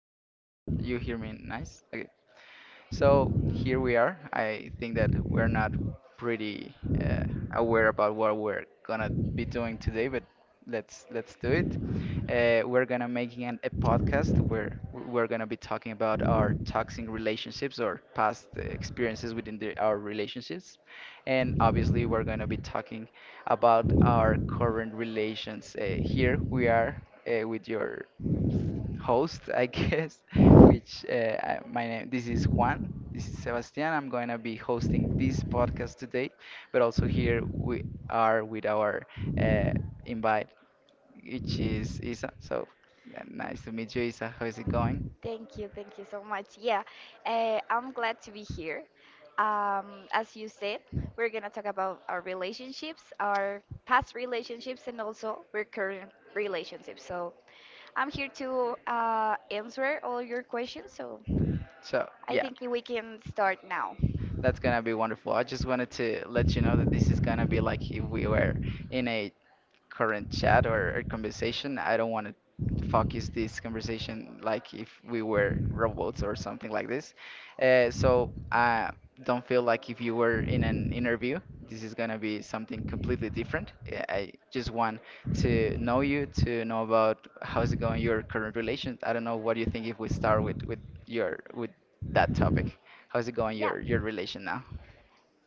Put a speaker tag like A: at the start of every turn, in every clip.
A: language. You hear me nice? Okay. So here we are. I think that we're not pretty uh, aware about what we're gonna be doing today, but let's do it. We're gonna making a podcast where we're gonna be talking about our toxic relationships or past experiences within our relationships, and obviously we're gonna be talking about our current relations. Here we are with your host, I guess, which my name, this is Juan, this is Sebastian. I'm going to be hosting this podcast today, but also here we are with our uh, invite, which is Isa. So nice to meet you, Isa. How is it going?
B: Thank you so much. Yeah, I'm glad to be here. Um, as you said, we're gonna talk about our relationships, our past relationships, and also our current relationships. So I'm here to answer all your questions. So
A: So,
B: I
A: yeah,
B: think we can start now.
A: that's gonna be wonderful. I just wanted to let you know that this is gonna be like if we were in a current chat or conversation. I don't want to focus this conversation like if we were robots or something like this. So, don't feel like if you were in an interview, this is gonna be something completely different. I just want to know you, to know about how's it going your current relations. I don't know what you think if we start with your with that topic. How's it going
B: Yeah.
A: your relation now?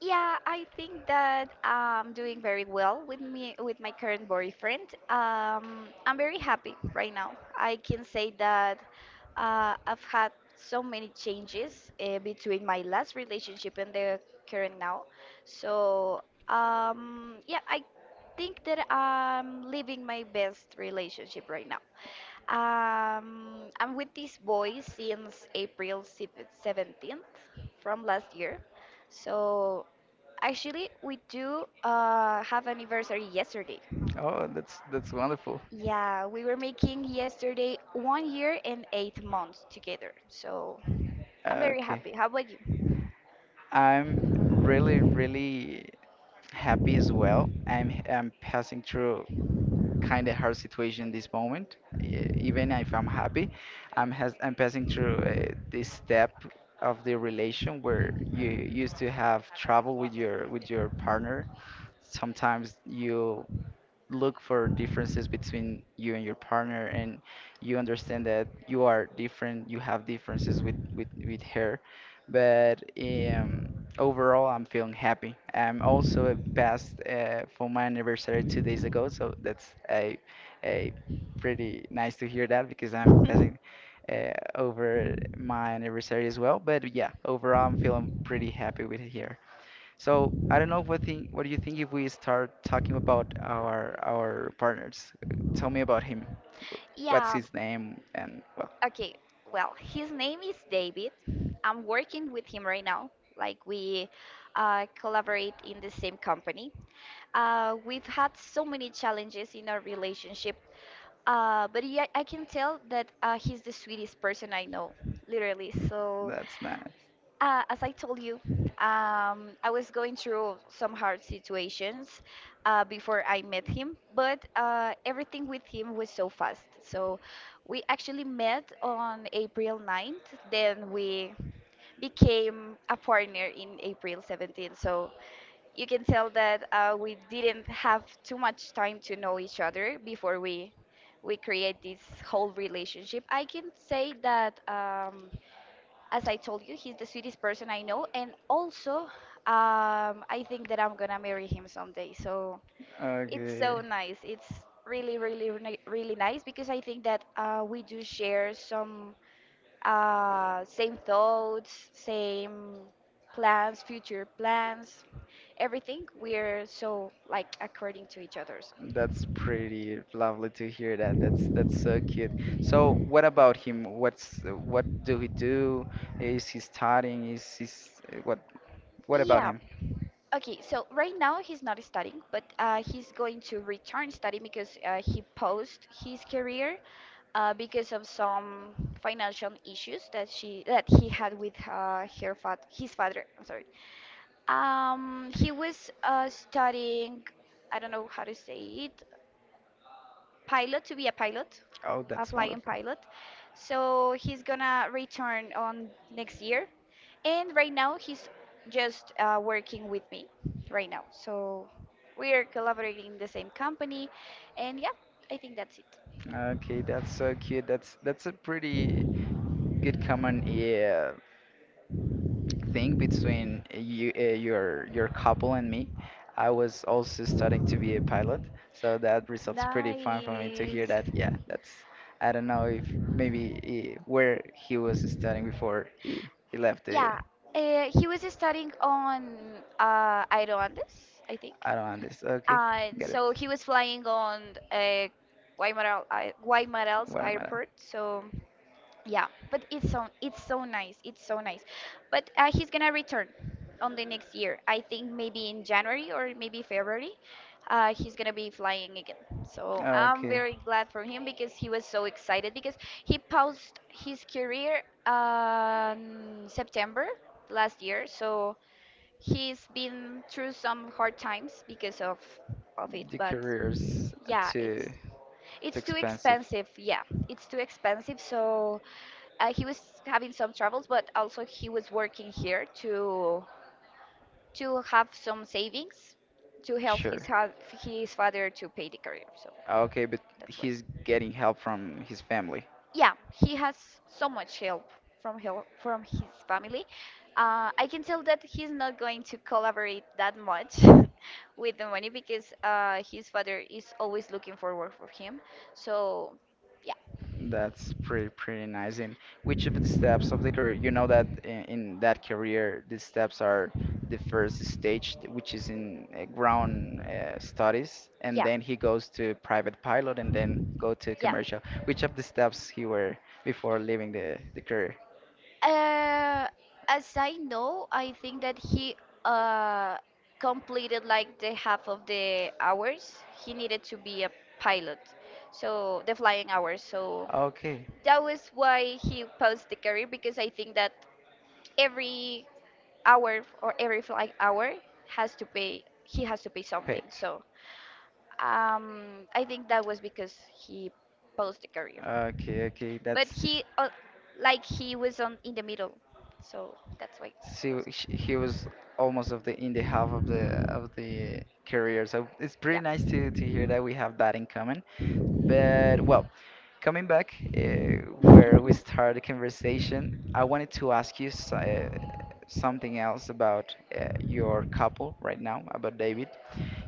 B: Yeah, I think that I'm doing very well with me with my current boyfriend. I'm very happy right now. I can say that I've had so many changes between my last relationship and the current now. So yeah, I think that I'm living my best relationship right now. I'm with this boy since April 17th from last year. So actually, we do have anniversary yesterday.
A: Oh, that's wonderful.
B: Yeah, we were making yesterday 1 year and 8 months together. So I'm very
A: Okay.
B: happy. How about you?
A: I'm really, really happy as well. I'm passing through kind of hard situation this moment. Even if I'm happy, I'm passing through this step of the relation where you used to have trouble with your partner. Sometimes you look for differences between you and your partner and you understand that you are different, you have differences with her, but overall, I'm feeling happy. I'm also passed for my anniversary 2 days ago, so that's a pretty nice to hear that because I'm passing over my anniversary as well, but yeah, overall I'm feeling pretty happy with here. So I don't know what think, what do you think if we start talking about our partners? Tell me about him. What's
B: Yeah,
A: his name? And well,
B: okay. Well, his name is David. I'm working with him right now. Like we collaborate in the same company. We've had so many challenges in our relationship, but yeah, I can tell that he's the sweetest person I know, literally. So,
A: that's nice.
B: as I told you, I was going through some hard situations before I met him, but everything with him was so fast. So, we actually met on April 9th, then we became a partner in April 17th. So, you can tell that we didn't have too much time to know each other before we create this whole relationship. I can say that as I told you, he's the sweetest person I know, and also I think that I'm gonna marry him someday. So it's
A: Okay.
B: so nice. It's really, really, really nice because I think that we do share some same thoughts, same plans, future plans, everything. We're so like according to each other's.
A: That's pretty lovely to hear that. That's so cute. So what about him? What's what do he do? Is he studying? Is he what about
B: Yeah.
A: him?
B: Okay, so right now he's not studying, but he's going to return studying because he paused his career because of some financial issues that she that he had with her fat his father. I'm sorry. He was studying. I don't know how to say it. Pilot to be a pilot,
A: Oh,
B: a
A: that's
B: flying
A: wonderful.
B: pilot. So he's gonna return on next year, and right now he's just working with me right now. So we are collaborating in the same company, and yeah, I think that's it.
A: Okay, that's so cute. That's a pretty good common thing between you, your couple and me. I was also studying to be a pilot, so that results pretty fun for me to hear
B: Nice.
A: that. Yeah, that's I don't know if maybe he, where he was studying before he left the.
B: Yeah, he was studying on Aeroandes, I think.
A: I don't understand. Okay,
B: And
A: get it.
B: so he was flying on uh, Guaymaral's
A: Guatemala.
B: airport. So yeah, but it's so nice. It's so nice. But he's gonna return on the next year. I think maybe in January or maybe February. He's gonna be flying again. So
A: Ah,
B: I'm
A: okay.
B: very glad for him because he was so excited because he paused his career September last year. So he's been through some hard times because of it,
A: The
B: but
A: career's
B: yeah,
A: too
B: it's
A: too
B: it's too
A: expensive.
B: expensive. Yeah, it's too expensive. So he was having some troubles, but also he was working here to have some savings to help
A: Sure.
B: his father to pay the career. So
A: Ah, okay, but
B: that's why.
A: he's getting help from his family.
B: Yeah, he has so much help from his family. I can tell that he's not going to collaborate that much with the money because his father is always looking for work for him. So, yeah.
A: That's pretty pretty nice. And which of the steps of the career, you know that in that career, the steps are the first stage, which is in ground studies, and
B: Yeah,
A: then he goes to private pilot, and then go to
B: yeah,
A: commercial. Which of the steps he were before leaving the career?
B: Uh, as I know, I think that he uh, completed like the half of the hours he needed to be a pilot, so the flying hours. So
A: Okay.
B: that was why he posed the career because I think that every hour or every flight hour has to pay. He has to pay something.
A: Pet.
B: So I think that was because he paused the career,
A: Okay, okay.
B: but
A: That's
B: he was on in the middle, so that's why he
A: so
B: paused it.
A: he was almost of the in the half of the career. So it's pretty
B: Yeah.
A: nice to hear that we have that in common. But well, coming back where we started the conversation, I wanted to ask you something else about your couple right now, about David.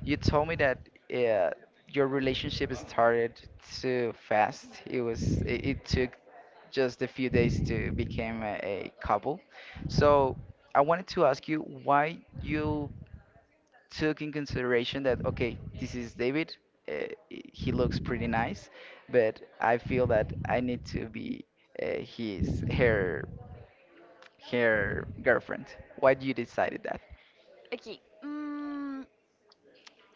A: You told me that uh, your relationship started too fast. It was it, it took just a few days to become a couple. So I wanted to ask you why you took in consideration that okay, this is David. Uh, he looks pretty nice, but I feel that I need to be his her her girlfriend. Why do you decided that?
B: Okay.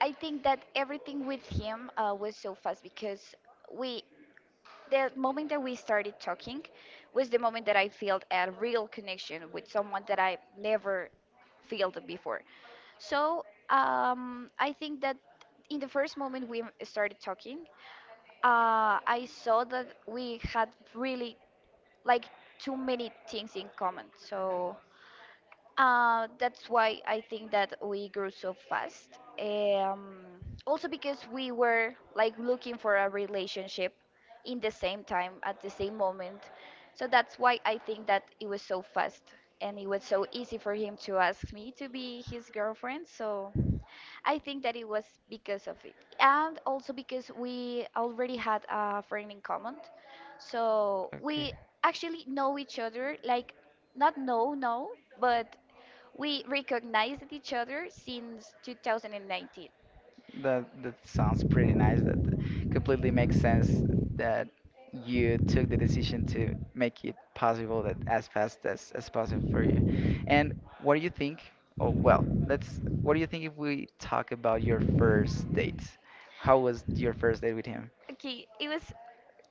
B: I think that everything with him was so fast because we, the moment that we started talking, was the moment that I felt a real connection with someone that I never felt before. So I think that in the first moment we started talking, I saw that we had really like too many things in common. So that's why I think that we grew so fast. Um, also because we were like looking for a relationship in the same time at the same moment. So that's why I think that it was so fast and it was so easy for him to ask me to be his girlfriend. So I think that it was because of it, and also because we already had a friend in common, so
A: Okay,
B: we actually know each other. Like, not know, know, but we recognized each other since 2019.
A: that that sounds pretty nice. Completely makes sense that you took the decision to make it possible that as fast as possible for you. And what do you think? Oh, well, let's. What do you think if we talk about your first date? How was your first date with him?
B: Okay, it was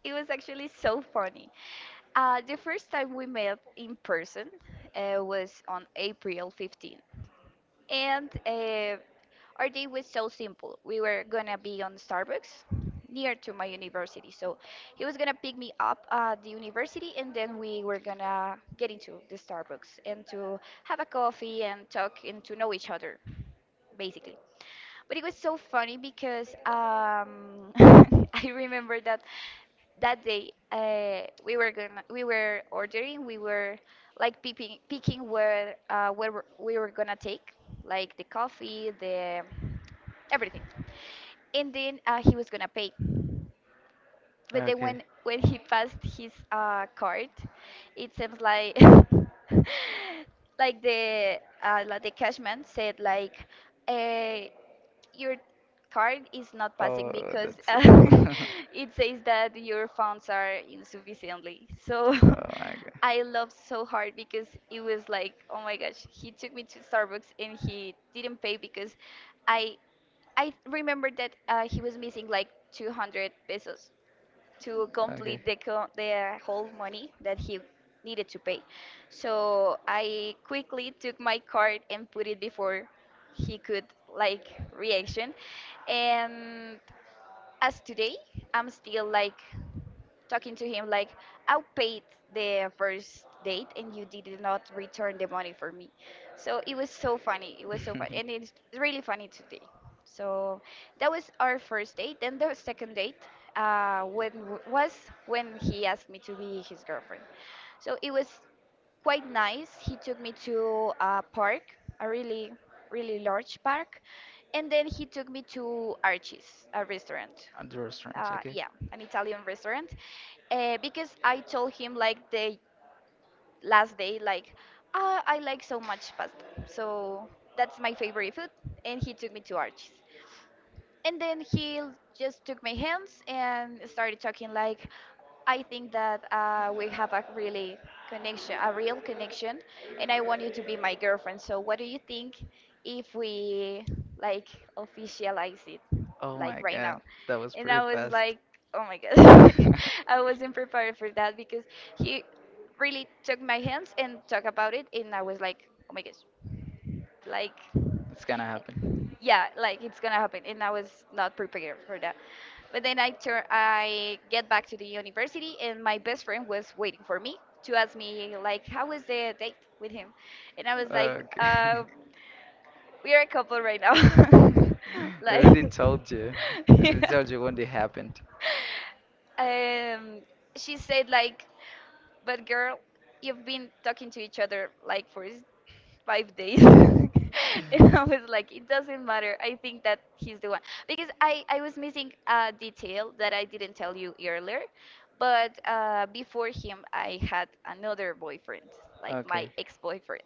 B: it was actually so funny. The first time we met in person was on April 15. And our day was so simple. We were gonna be on Starbucks near to my university. So he was gonna pick me up at the university and then we were gonna get into the Starbucks and to have a coffee and talk and to know each other, basically. But it was so funny because I remember that that day we were like picking where we were gonna take like the coffee the everything and then he was gonna pay but then
A: Okay.
B: when he passed his card it seems like like the cashman said like uh, your card is not passing
A: Oh,
B: because
A: that's awful.
B: it says that your funds are insufficiently. So
A: Oh my god.
B: I loved so hard because it was like, oh my gosh, he took me to Starbucks and he didn't pay because I I remember that he was missing like 200 pesos to
A: Okay.
B: complete the whole money that he needed to pay. So I quickly took my card and put it before he could like reaction. And as today, I'm still like talking to him like, I paid the first date and you did not return the money for me. So it was so funny. It was so funny, and it's really funny today. So that was our first date. Then the second date was when he asked me to be his girlfriend. So it was quite nice. He took me to a park, a really really large park, and then he took me to Archie's, a restaurant.
A: At the restaurant, okay.
B: Yeah, an Italian restaurant. Because I told him like the last day, like ah, I like so much pasta, so that's my favorite food, and he took me to Archie's and then he just took my hands and started talking like, I think that we have a really connection a real connection, and I want you to be my girlfriend. So what do you think if we like officialize it
A: Oh
B: like
A: my
B: right now?
A: god, that was
B: And
A: pretty
B: I was
A: fast.
B: like, oh my god. I wasn't prepared for that because he really took my hands and talked about it and I was like, oh my gosh, like
A: It's gonna happen.
B: yeah, like it's gonna happen, and I was not prepared for that. But then I I get back to the university, and my best friend was waiting for me to ask me like, how was the date with him? And I was like,
A: Okay.
B: we are a couple right now.
A: I already
B: Like,
A: told you. I already
B: yeah.
A: told you when it happened.
B: Um, she said like, but girl, you've been talking to each other like for 5 days. And I was like, it doesn't matter. I think that he's the one. Because I was missing a detail that I didn't tell you earlier. But before him, I had another boyfriend, like my
A: Okay.
B: ex boyfriend.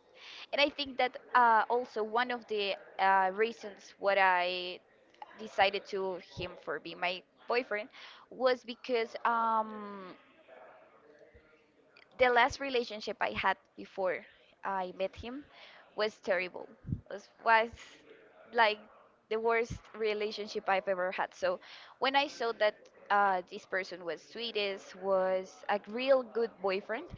B: And I think that also one of the reasons what I decided to him for being my boyfriend was because the last relationship I had before I met him was terrible. Was Like the worst relationship I've ever had. So when I saw that this person was sweetest, was a real good boyfriend,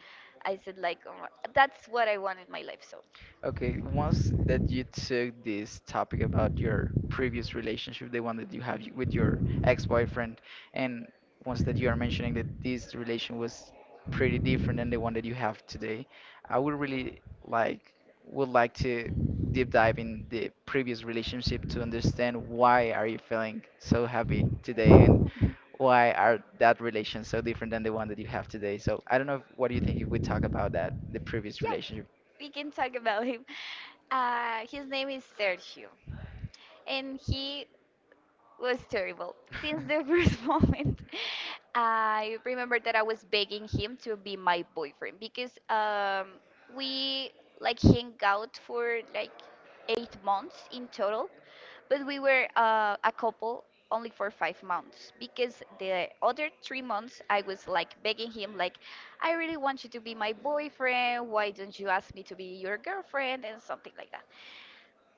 B: I said like, oh, that's what I want in my life. So
A: Okay, once that you took this topic about your previous relationship, the one that you have with your ex-boyfriend, and once that you are mentioning that this relation was pretty different than the one that you have today, I would really like would like to deep dive in the previous relationship to understand why are you feeling so happy today and why are that relation so different than the one that you have today. So I don't know if, what do you think if we talk about that, the previous
B: yeah,
A: relationship?
B: we can talk about him. His name is Sergio, and he was terrible. Since the first moment, I remember that I was begging him to be my boyfriend because we hang out for like 8 months in total, but we were a couple only for 5 months because the other 3 months I was begging him like, I really want you to be my boyfriend. Why don't you ask me to be your girlfriend and something like that?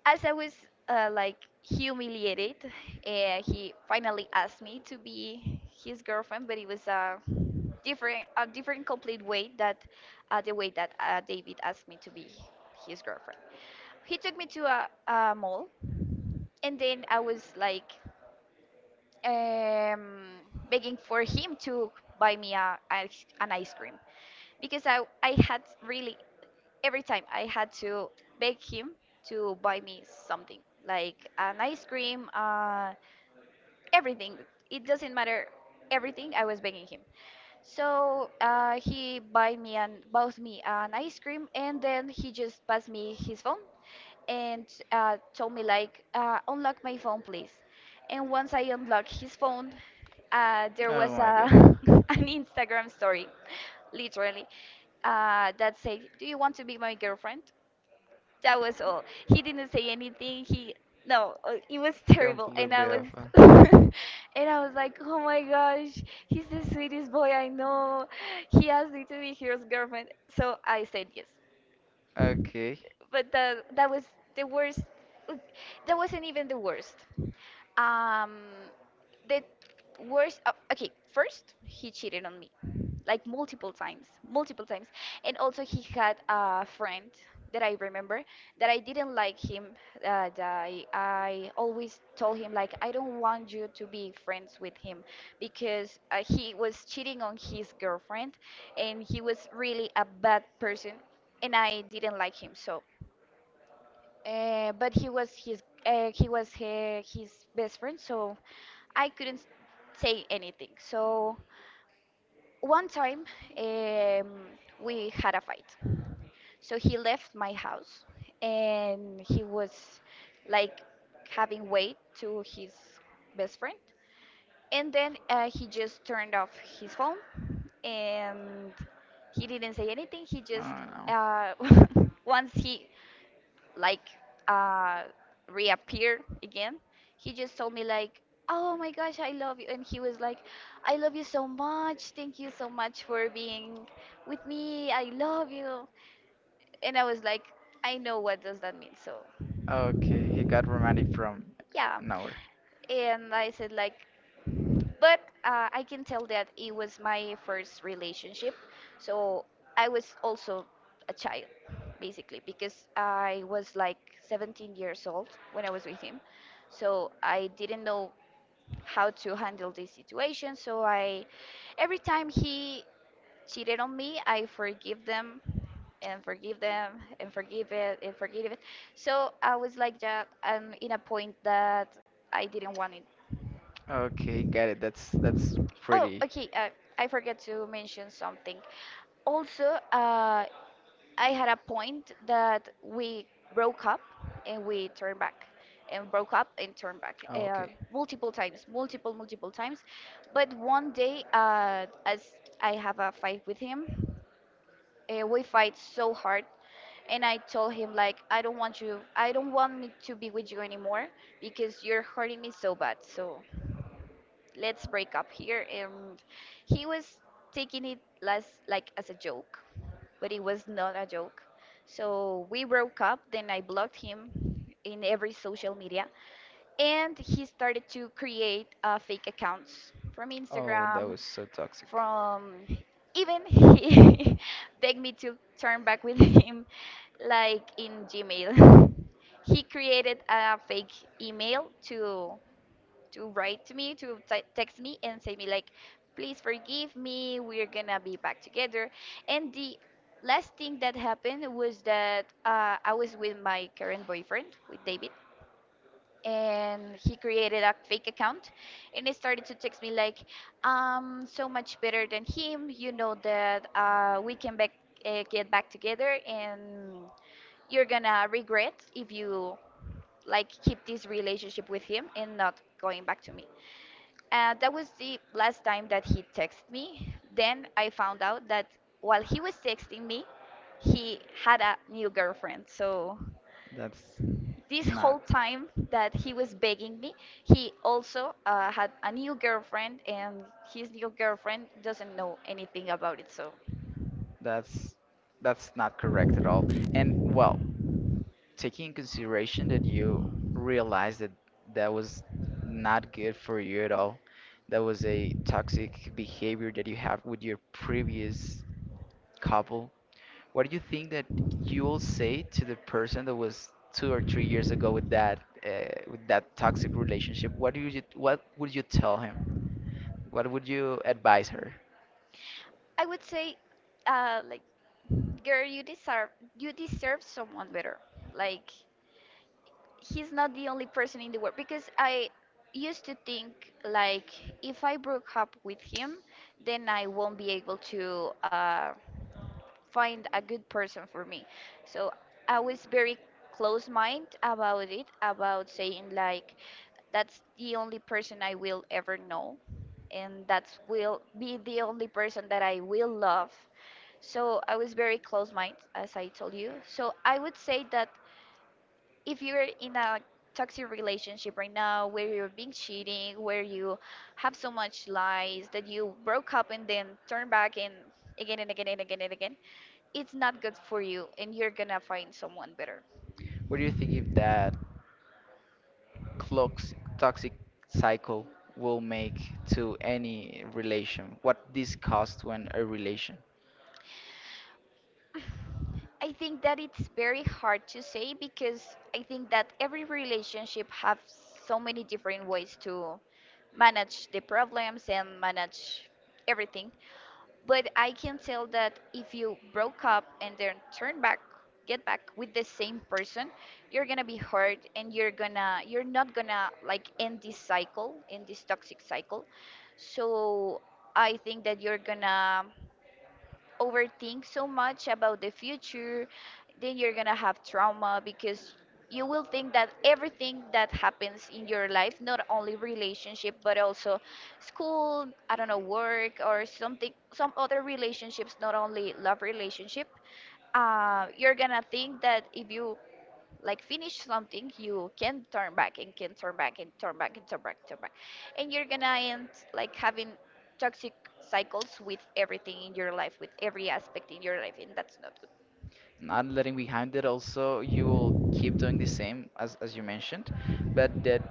B: As I was uh, like humiliated, he finally asked me to be his girlfriend, but it was a different complete way that the way that David asked me to be his girlfriend. He took me to a mall, and then I was like um, begging for him to buy me an ice cream, because I had really, every time I had to beg him to buy me something like an ice cream, everything. It doesn't matter. Everything I was begging him. So he buy me and bought me an ice cream, and then he just passed me his phone and told me like, unlock my phone, please. And once I unlocked his phone, there
A: Oh
B: was
A: my
B: a
A: god.
B: an Instagram story, literally, that said, "Do you want to be my girlfriend?" That was all. He didn't say anything. He no, It was terrible, and
A: Completely alpha.
B: and I was like, oh my gosh, he's the sweetest boy I know. He asked me to be his girlfriend, so I said yes.
A: Okay.
B: But that was the worst. That wasn't even the worst. Um, the okay, first he cheated on me, like multiple times, and also he had a friend that I remember that I didn't like him. That I always told him like, I don't want you to be friends with him because he was cheating on his girlfriend, and he was really a bad person, and I didn't like him, so. But he was his best friend, so I couldn't say anything. So one time um, we had a fight. So he left my house and he was like having weight to his best friend. And then he just turned off his phone, and he didn't say anything.
A: Oh
B: Uh, once he like uh reappear again, he just told me like, oh my gosh, I love you. And he was like, I love you so much, thank you so much for being with me, I love you. And I was like, I know what does that mean? So
A: no. Okay, he got romantic from
B: yeah.
A: nowhere.
B: And I said like, but I can tell that it was my first relationship. So I was also a child, basically, because I was like 17 years old when I was with him. So I didn't know how to handle this situation. So I, every time he cheated on me, I forgive them and forgive them and forgive it and forgive it. So I was like that. I'm in a point that I didn't want it.
A: Okay, got it. That's
B: Oh,
A: pretty.
B: okay. I forgot to mention something. Also, uh, I had a point that we broke up and we turned back, and broke up and turned back
A: Okay.
B: multiple times, multiple, multiple times. But one day, as I have a fight with him, we fight so hard, and I told him like, I don't want you, I don't want me to be with you anymore because you're hurting me so bad. So let's break up here. And he was taking it less like as a joke, but it was not a joke. So we broke up. Then I blocked him in every social media, and he started to create fake accounts from
A: Oh, that
B: Instagram,
A: was so toxic.
B: from even he begged me to turn back with him, like in Gmail. he created a fake email to write to me, to text me and say me like, please forgive me, we're gonna be back together. And the last thing that happened was that I was with my current boyfriend, with David. And he created a fake account and he started to text me like, so much better than him. You know that get back together and you're gonna regret if you like keep this relationship with him and not going back to me. That was the last time that he texted me. Then I found out that while he was texting me, he had a new girlfriend. So
A: That's
B: this
A: not.
B: whole time that he was begging me, he also had a new girlfriend, and his new girlfriend doesn't know anything about it. So
A: That's that's not correct at all. And well, taking in consideration that you realized that that was not good for you at all, that was a toxic behavior that you have with your previous couple. What do you think that you will say to the person that was 2 or 3 years ago with that toxic relationship? What do you what would you tell him? What would you advise her?
B: I would say, uh, like, girl, you deserve, you deserve someone better. Like he's not the only person in the world, because I used to think like, if I broke up with him, then I won't be able to find a good person for me. So I was very close mind about it, about saying like, that's the only person I will ever know, and that's will be the only person that I will love. So I was very close mind, as I told you. So I would say that if you're in a toxic relationship right now, where you're being cheating, where you have so much lies that you broke up and then turn back and again and again and again and again, it's not good for you, and you're gonna find someone better.
A: What do you think if that clox- toxic cycle will make to any relation, what this caused when a relation.
B: I think that it's very hard to say, because I think that every relationship have so many different ways to manage the problems and manage everything. But I can tell that if you broke up and then turn back, get back with the same person, you're gonna be hurt, and you're not gonna like end this cycle, end this toxic cycle. So I think that you're gonna overthink so much about the future, then you're gonna have trauma because you will think that everything that happens in your life, not only relationship, but also school, I don't know, work or something, some other relationships, not only love relationship, you're gonna think that if you like finish something, you can turn back and can turn back and turn back and turn back and turn back, and you're gonna end like having toxic cycles with everything in your life, with every aspect in your life, and that's not good.
A: Not letting behind it also you will keep doing the same as you mentioned, but that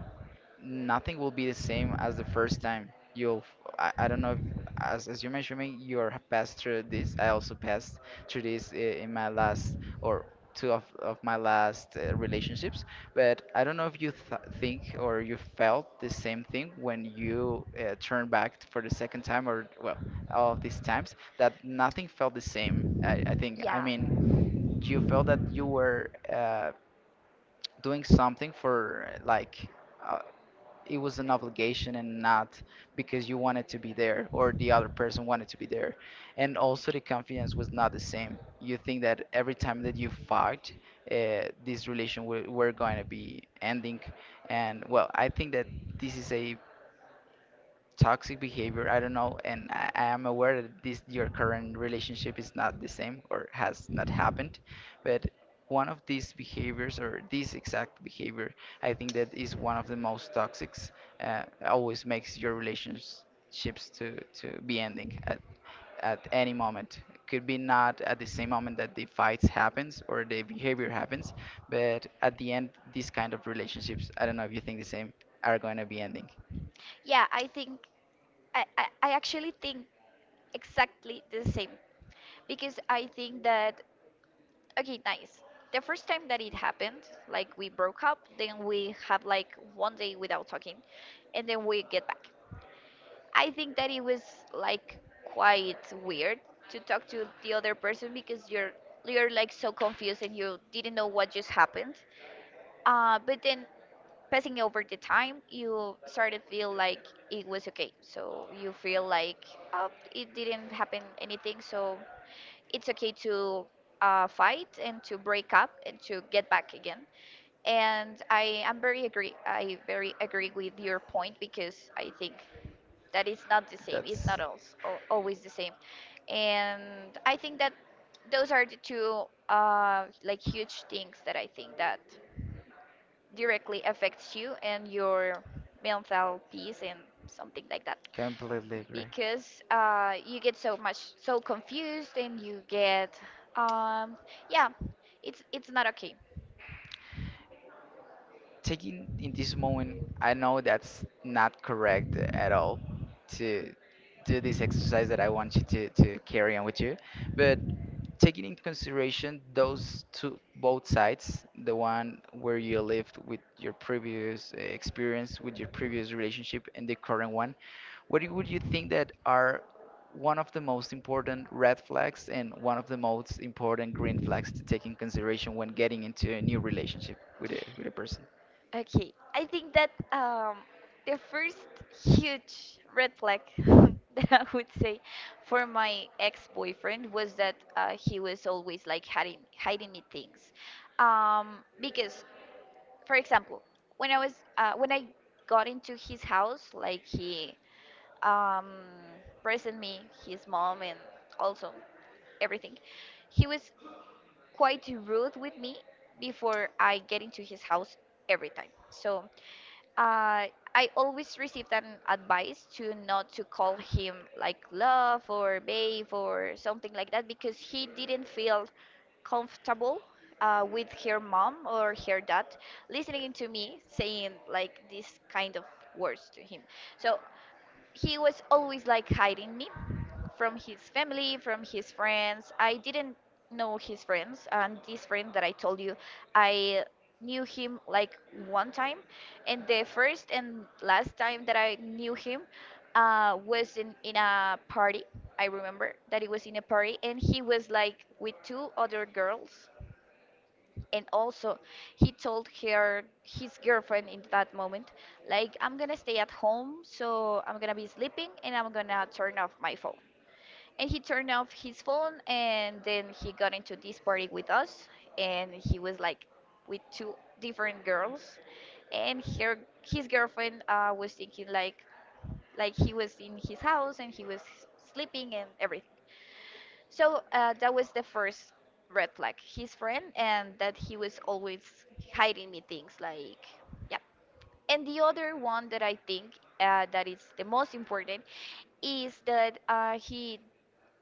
A: nothing will be the same as the first time. You'll, I don't know if, as you mentioned, me, you are passed through this. I also passed through this in my last or two of my last relationships. But I don't know if you th think or you felt the same thing when you turned back for the second time or, well, all of these times, that nothing felt the same. I think, I
B: Yeah,
A: mean, you felt that you were doing something for uh, it was an obligation and not because you wanted to be there or the other person wanted to be there. And also, the confidence was not the same. You think that every time that you fight, this relation were going to be ending. And well, I think that this is a toxic behavior, I don't know, and I am aware that this your current relationship is not the same or has not happened, but one of these behaviors or this exact behavior, I think that is one of the most toxics, always makes your relationships to be ending at any moment, could be not at the same moment that the fights happens or the behavior happens, but at the end these kind of relationships, I don't know if you think the same, are going to be ending.
B: yeah, I think, I actually think exactly the same, because I think that, okay, nice, the first time that it happened, like we broke up, then we had like one day without talking, and then we get back. I think that it was like quite weird to talk to the other person, because you're like so confused, and you didn't know what just happened. But then passing over the time, you start to feel like it was okay. So you feel like, oh, it didn't happen anything. So it's okay to fight and to break up and to get back again. And I am very agree. I very agree with your point, because I think that is not the same. It's not als- always the same. And I think that those are the two like huge things that I think that directly affects you and your mental peace and something like that.
A: Completely agree.
B: Because you get so much so confused, and you get um, yeah, it's not okay.
A: Taking in this moment, I know that's not correct at all to do this exercise that I want you to carry on with you. But taking into consideration those two both sides, the one where you lived with your previous experience, with your previous relationship, and the current one, what do- would you think that are one of the most important red flags and one of the most important green flags to take in consideration when getting into a new relationship with a person?
B: Okay, I think that the first huge red flag that I would say for my ex-boyfriend was that he was always like hiding me things, because for example, when I got into his house, like he um, present me his mom and also everything, he was quite rude with me before I get into his house every time. So uh, I always received an advice to not to call him like love or babe or something like that, because he didn't feel comfortable with her mom or her dad listening to me saying like this kind of words to him. So he was always like hiding me from his family, from his friends. I didn't know his friends, and this friend that I told you, I knew him like one time, and the first and last time that I knew him was in a party. I remember that it was in a party, and he was like with two other girls, and also he told her his girlfriend in that moment, like, I'm gonna stay at home, so I'm gonna be sleeping, and I'm gonna turn off my phone. And he turned off his phone, and then he got into this party with us, and he was like with two different girls, and her his girlfriend was thinking like he was in his house and he was sleeping and everything. So that was the first red flag, his friend and that he was always hiding me things, like, yeah. And the other one that I think that is the most important is that he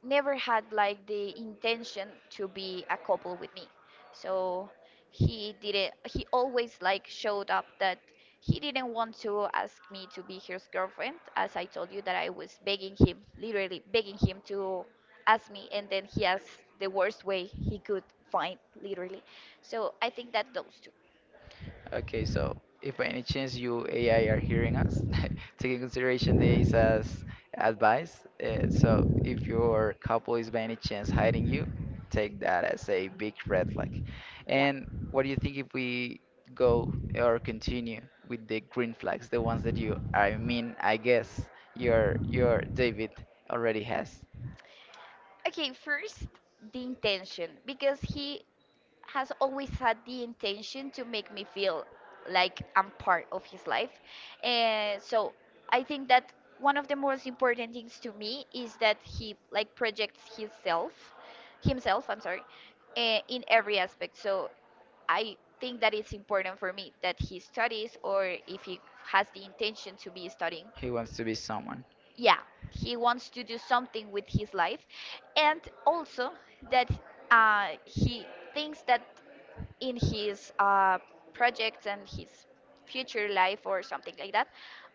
B: never had like the intention to be a couple with me. So he didn't he always like showed up that he didn't want to ask me to be his girlfriend, as I told you that I was begging him, literally begging him to ask me. And then he asked the worst way he could find, literally. So I think that those two.
A: Okay, so if by any chance you AI are hearing us, taking consideration this as advice, so if your couple is by any chance hiding you, take that as a big red flag.
B: Yeah.
A: And what do you think if we go or continue with the green flags, the ones that you, I mean, I guess your David already has?
B: Okay, first the intention, because he has always had the intention to make me feel like I'm part of his life. And so I think that one of the most important things to me is that he like projects himself, himself, I'm sorry, in every aspect. So I think that it's important for me that he studies, or if he has the intention to be studying.
A: He wants to be someone.
B: Yeah, he wants to do something with his life, and also that he thinks that in his projects and his future life or something like that,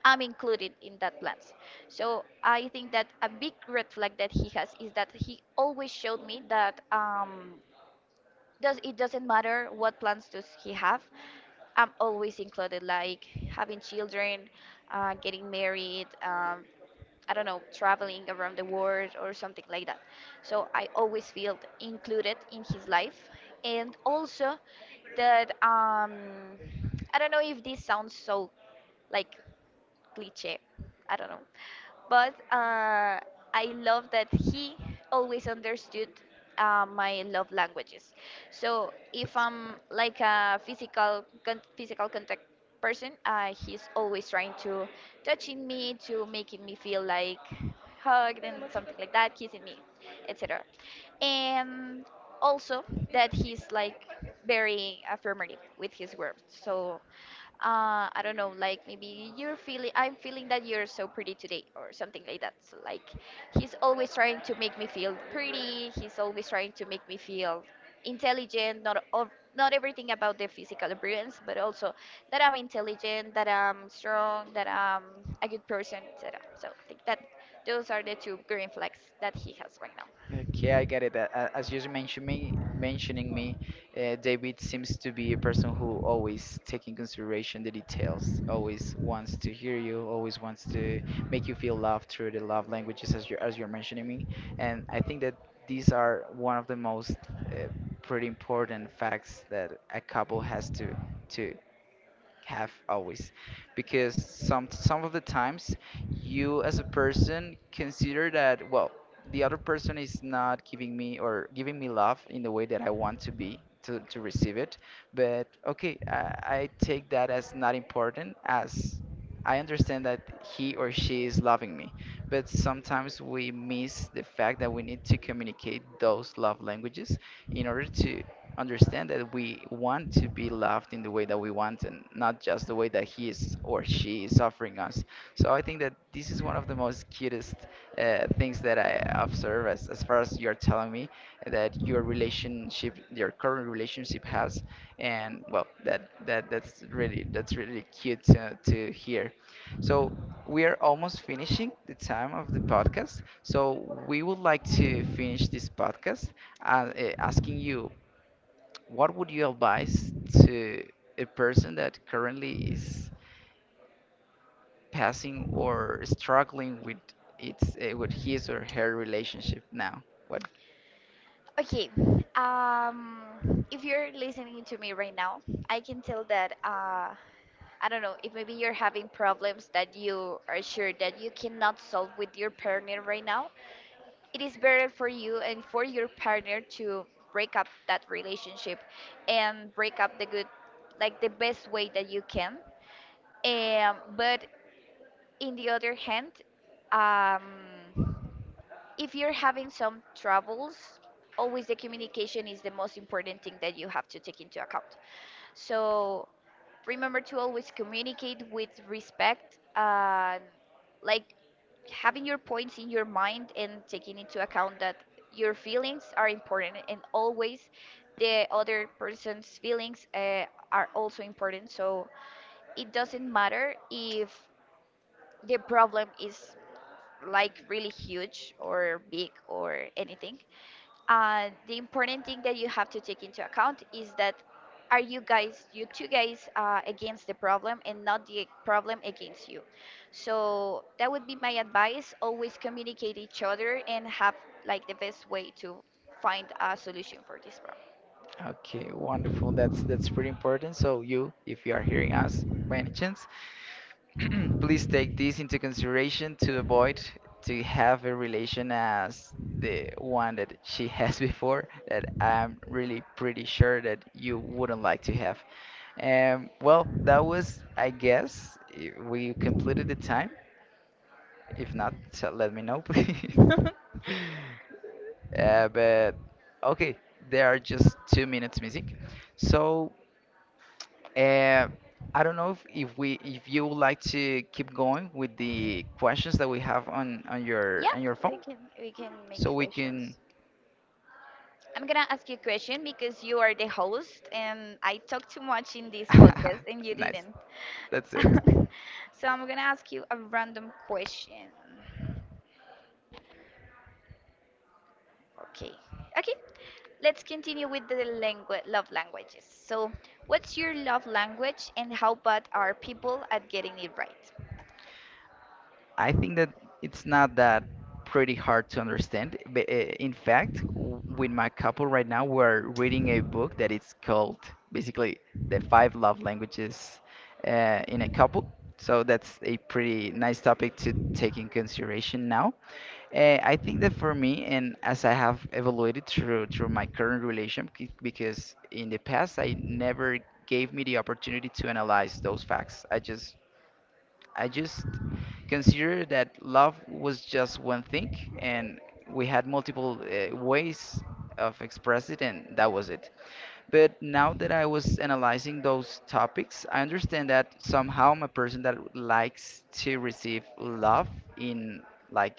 B: I'm included in that plans. So I think that a big red flag that he has is that he always showed me that, does it doesn't matter what plans does he have, I'm always included, like having children, getting married, I don't know, traveling around the world or something like that. So I always feel included in his life. And also that, I don't know if this sounds so like cliche. I don't know, but I love that he always understood my love languages. So if I'm like a physical contact person, he's always trying to touching me, to making me feel like hugged and something like that, kissing me, etc. And also that he's like very affirmative with his words. So I don't know, like maybe you're feeling, I'm feeling that you're so pretty today or something like that. So like, he's always trying to make me feel pretty, he's always trying to make me feel intelligent, not of not everything about the physical appearance, but also that I'm intelligent, that I'm strong, that I'm a good person, etc. So I think that those are the two green flags that he has right now.
A: Okay, I get it. As you mentioned me, mentioning me, David seems to be a person who always taking consideration the details, always wants to hear you, always wants to make you feel loved through the love languages as you're mentioning me. And I think that these are one of the most uh, pretty important facts that a couple has to have always, because some of the times you as a person consider that, well, the other person is not giving me or giving me love in the way that I want to be to receive it, but okay, I take that as not important, as I understand that he or she is loving me, but sometimes we miss the fact that we need to communicate those love languages in order to understand that we want to be loved in the way that we want and not just the way that he is or she suffering us. So I think that this is one of the most cutest things that I observe, as far as you're telling me that your relationship, your current relationship has, and, well, that that's really cute to hear. So we are almost finishing the time of the podcast. So we would like to finish this podcast, asking you, what would you advise to a person that currently is passing or struggling with its with his or her relationship now, what?
B: Okay. Um, if you're listening to me right now, I can tell that, I don't know, if maybe you're having problems that you are sure that you cannot solve with your partner right now, it is better for you and for your partner to break up that relationship and break up the good, like the best way that you can. But in the other hand, um, if you're having some troubles, always the communication is the most important thing that you have to take into account. So remember to always communicate with respect and like having your points in your mind, and taking into account that your feelings are important, and always the other person's feelings are also important. So it doesn't matter if the problem is like really huge or big or anything, the important thing that you have to take into account is that are you guys, you two guys, against the problem and not the problem against you. So that would be my advice. Always communicate each other and have like the best way to find a solution for this
A: Okay, wonderful, that's pretty important. So you if you are hearing us by any chance, please take this into consideration to avoid to have a relation as the one that she has before, that I'm really pretty sure that you wouldn't like to have. Well, that was, I guess, we completed the time. If not, so let me know, please.
B: problem.
A: But okay, there are just 2 minutes music. So uh, I don't know if you would like to keep going with the questions that we have on on your
B: Yep,
A: on your
B: we
A: phone,
B: can we can
A: so
B: make
A: we can.
B: questions. I'm gonna ask you a question because you are the host and I talk too much in this podcast and you
A: Nice.
B: didn't.
A: That's it.
B: So I'm gonna ask you a random question. Okay. Okay. Let's continue with the language, love languages. So, what's your love language and how bad are people at getting it right?
A: I think that it's not that pretty hard to understand. But, in fact, with my couple right now, we're reading a book that is called basically the five love languages, in a couple. So that's a pretty nice topic to take in consideration now. I think that for me, and as I have evaluated through my current relation, because in the past I never gave me the opportunity to analyze those facts. I just considered that love was just one thing, and we had multiple ways of express it, and that was it. But now that I was analyzing those topics, I understand that somehow I'm a person that likes to receive love in, like,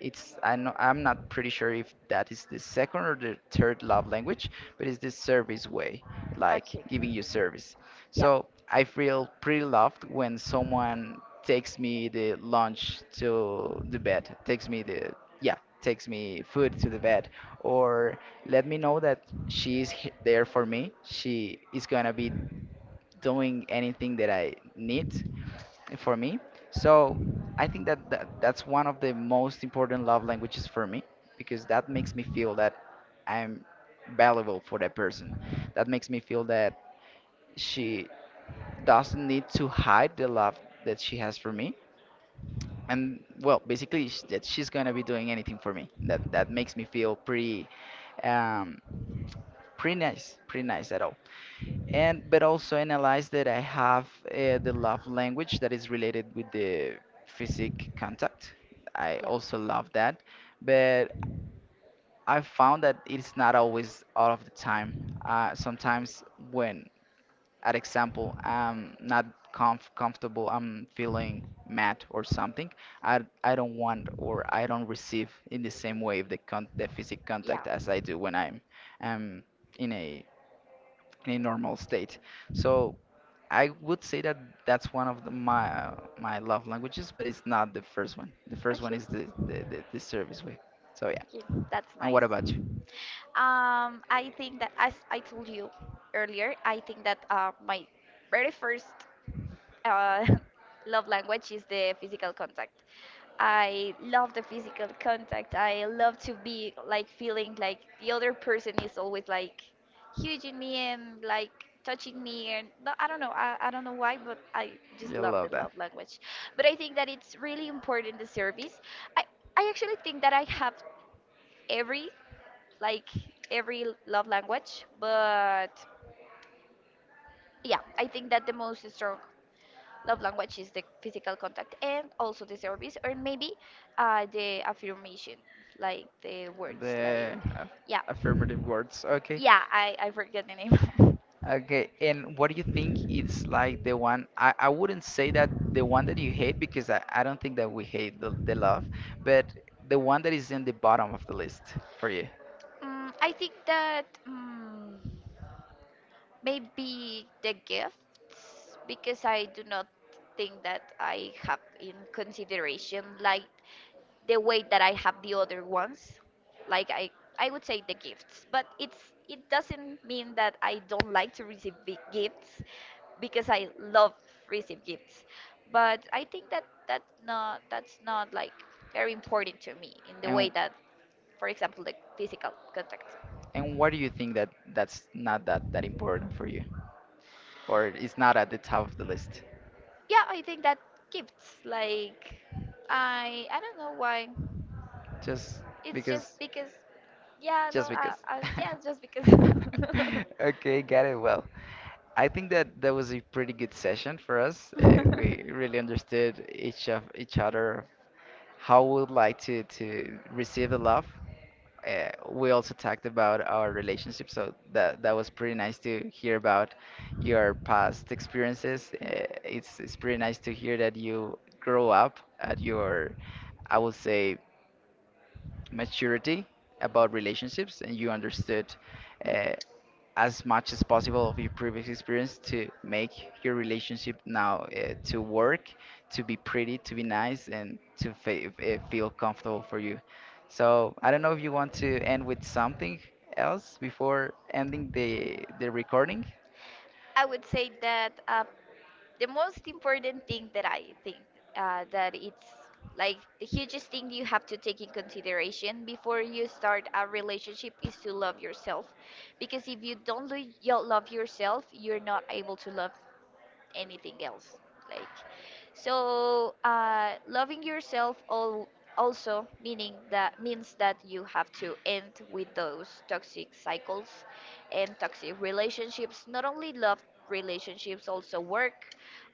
A: it's, I know I'm not pretty sure if that is the second or the third love language, but it's the service way, like
B: Okay.
A: giving you service.
B: Yeah.
A: So I feel pretty loved when someone takes me the lunch to the bed, takes me the, yeah, takes me food to the bed, or let me know that she is there for me. She is gonna be doing anything that I need for me. So I think that that's one of the most important love languages for me, because that makes me feel that I'm valuable for that person. That makes me feel that she doesn't need to hide the love that she has for me, and, well, basically, that she's gonna be doing anything for me, that makes me feel pretty, um pretty nice at all. And but also analyze that I have the love language that is related with the physic contact. I also love that, but I found that it's not always all of the time. Sometimes when, at example, I'm not comfortable, I'm feeling mad or something. I don't want or I don't receive in the same way the physical contact
B: Yeah.
A: as
B: Okay.
A: I do when I'm, um in a in a normal state. So I would say that that's one of the, my love languages, but it's not the first one. The first one is the service way. So yeah.
B: Okay. That's
A: And what
B: nice.
A: about you?
B: I think that as I told you earlier, I think that my very first uh, love language is the physical contact. I love the physical contact. I love to be like feeling like the other person is always like huge in me and like touching me and no, I don't know. I don't know why, but I just
A: You
B: love the
A: love that.
B: love language. But I think that it's really important, the service. I I actually think that I have every like every love language. But yeah, I think that the most strong love language is the physical contact and also the service, or maybe the affirmation, like the words, like
A: The
B: yeah,
A: affirmative words. Okay.
B: yeah. I forget the name.
A: Okay, and what do you think is, like, the one, I wouldn't say that the one that you hate, because I don't think that we hate the love, but the one that is in the bottom of the list for you.
B: Mm, I think that mm, maybe the gifts, because I do not think that I have in consideration like the way that I have the other ones. Like I would say the gifts, but it's it doesn't mean that I don't like to receive big gifts, because I love receive gifts. But I think that that not that's not like very important to me in the way
A: And
B: that, for example, the physical contact.
A: and why do you think that that's not that that important for you, or it's not at the top of the list?
B: Yeah, I think that gifts like I don't know why.
A: Just
B: It's just
A: because,
B: because, yeah, no,
A: just because.
B: yeah, it's just because.
A: Okay, got it. Well, I think that that was a pretty good session for us. We really understood each of each other, how we would like to receive the love. We also talked about our relationship, so that was pretty nice to hear about your past experiences. It's pretty nice to hear that you grow up at your, I would say, maturity about relationships, and you understood, uh, as much as possible of your previous experience to make your relationship now, to work, to be pretty, to be nice, and to feel comfortable for you. So I don't know if you want to end with something else before ending the recording.
B: I would say that the most important thing that I think that it's like the hugest thing you have to take in consideration before you start a relationship is to love yourself, because if you don't you love yourself, you're not able to love anything else, like, so loving yourself all also meaning that means that you have to end with those toxic cycles and toxic relationships, not only love relationships, also work,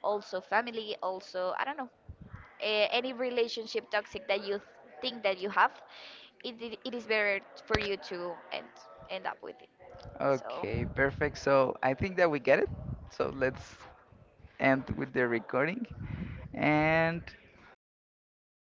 B: also family, also I don't know, any relationship toxic that you think that you have, it is better for you to end end up with it. So
A: Okay, perfect. So I think that we get it. So let's end with the recording and.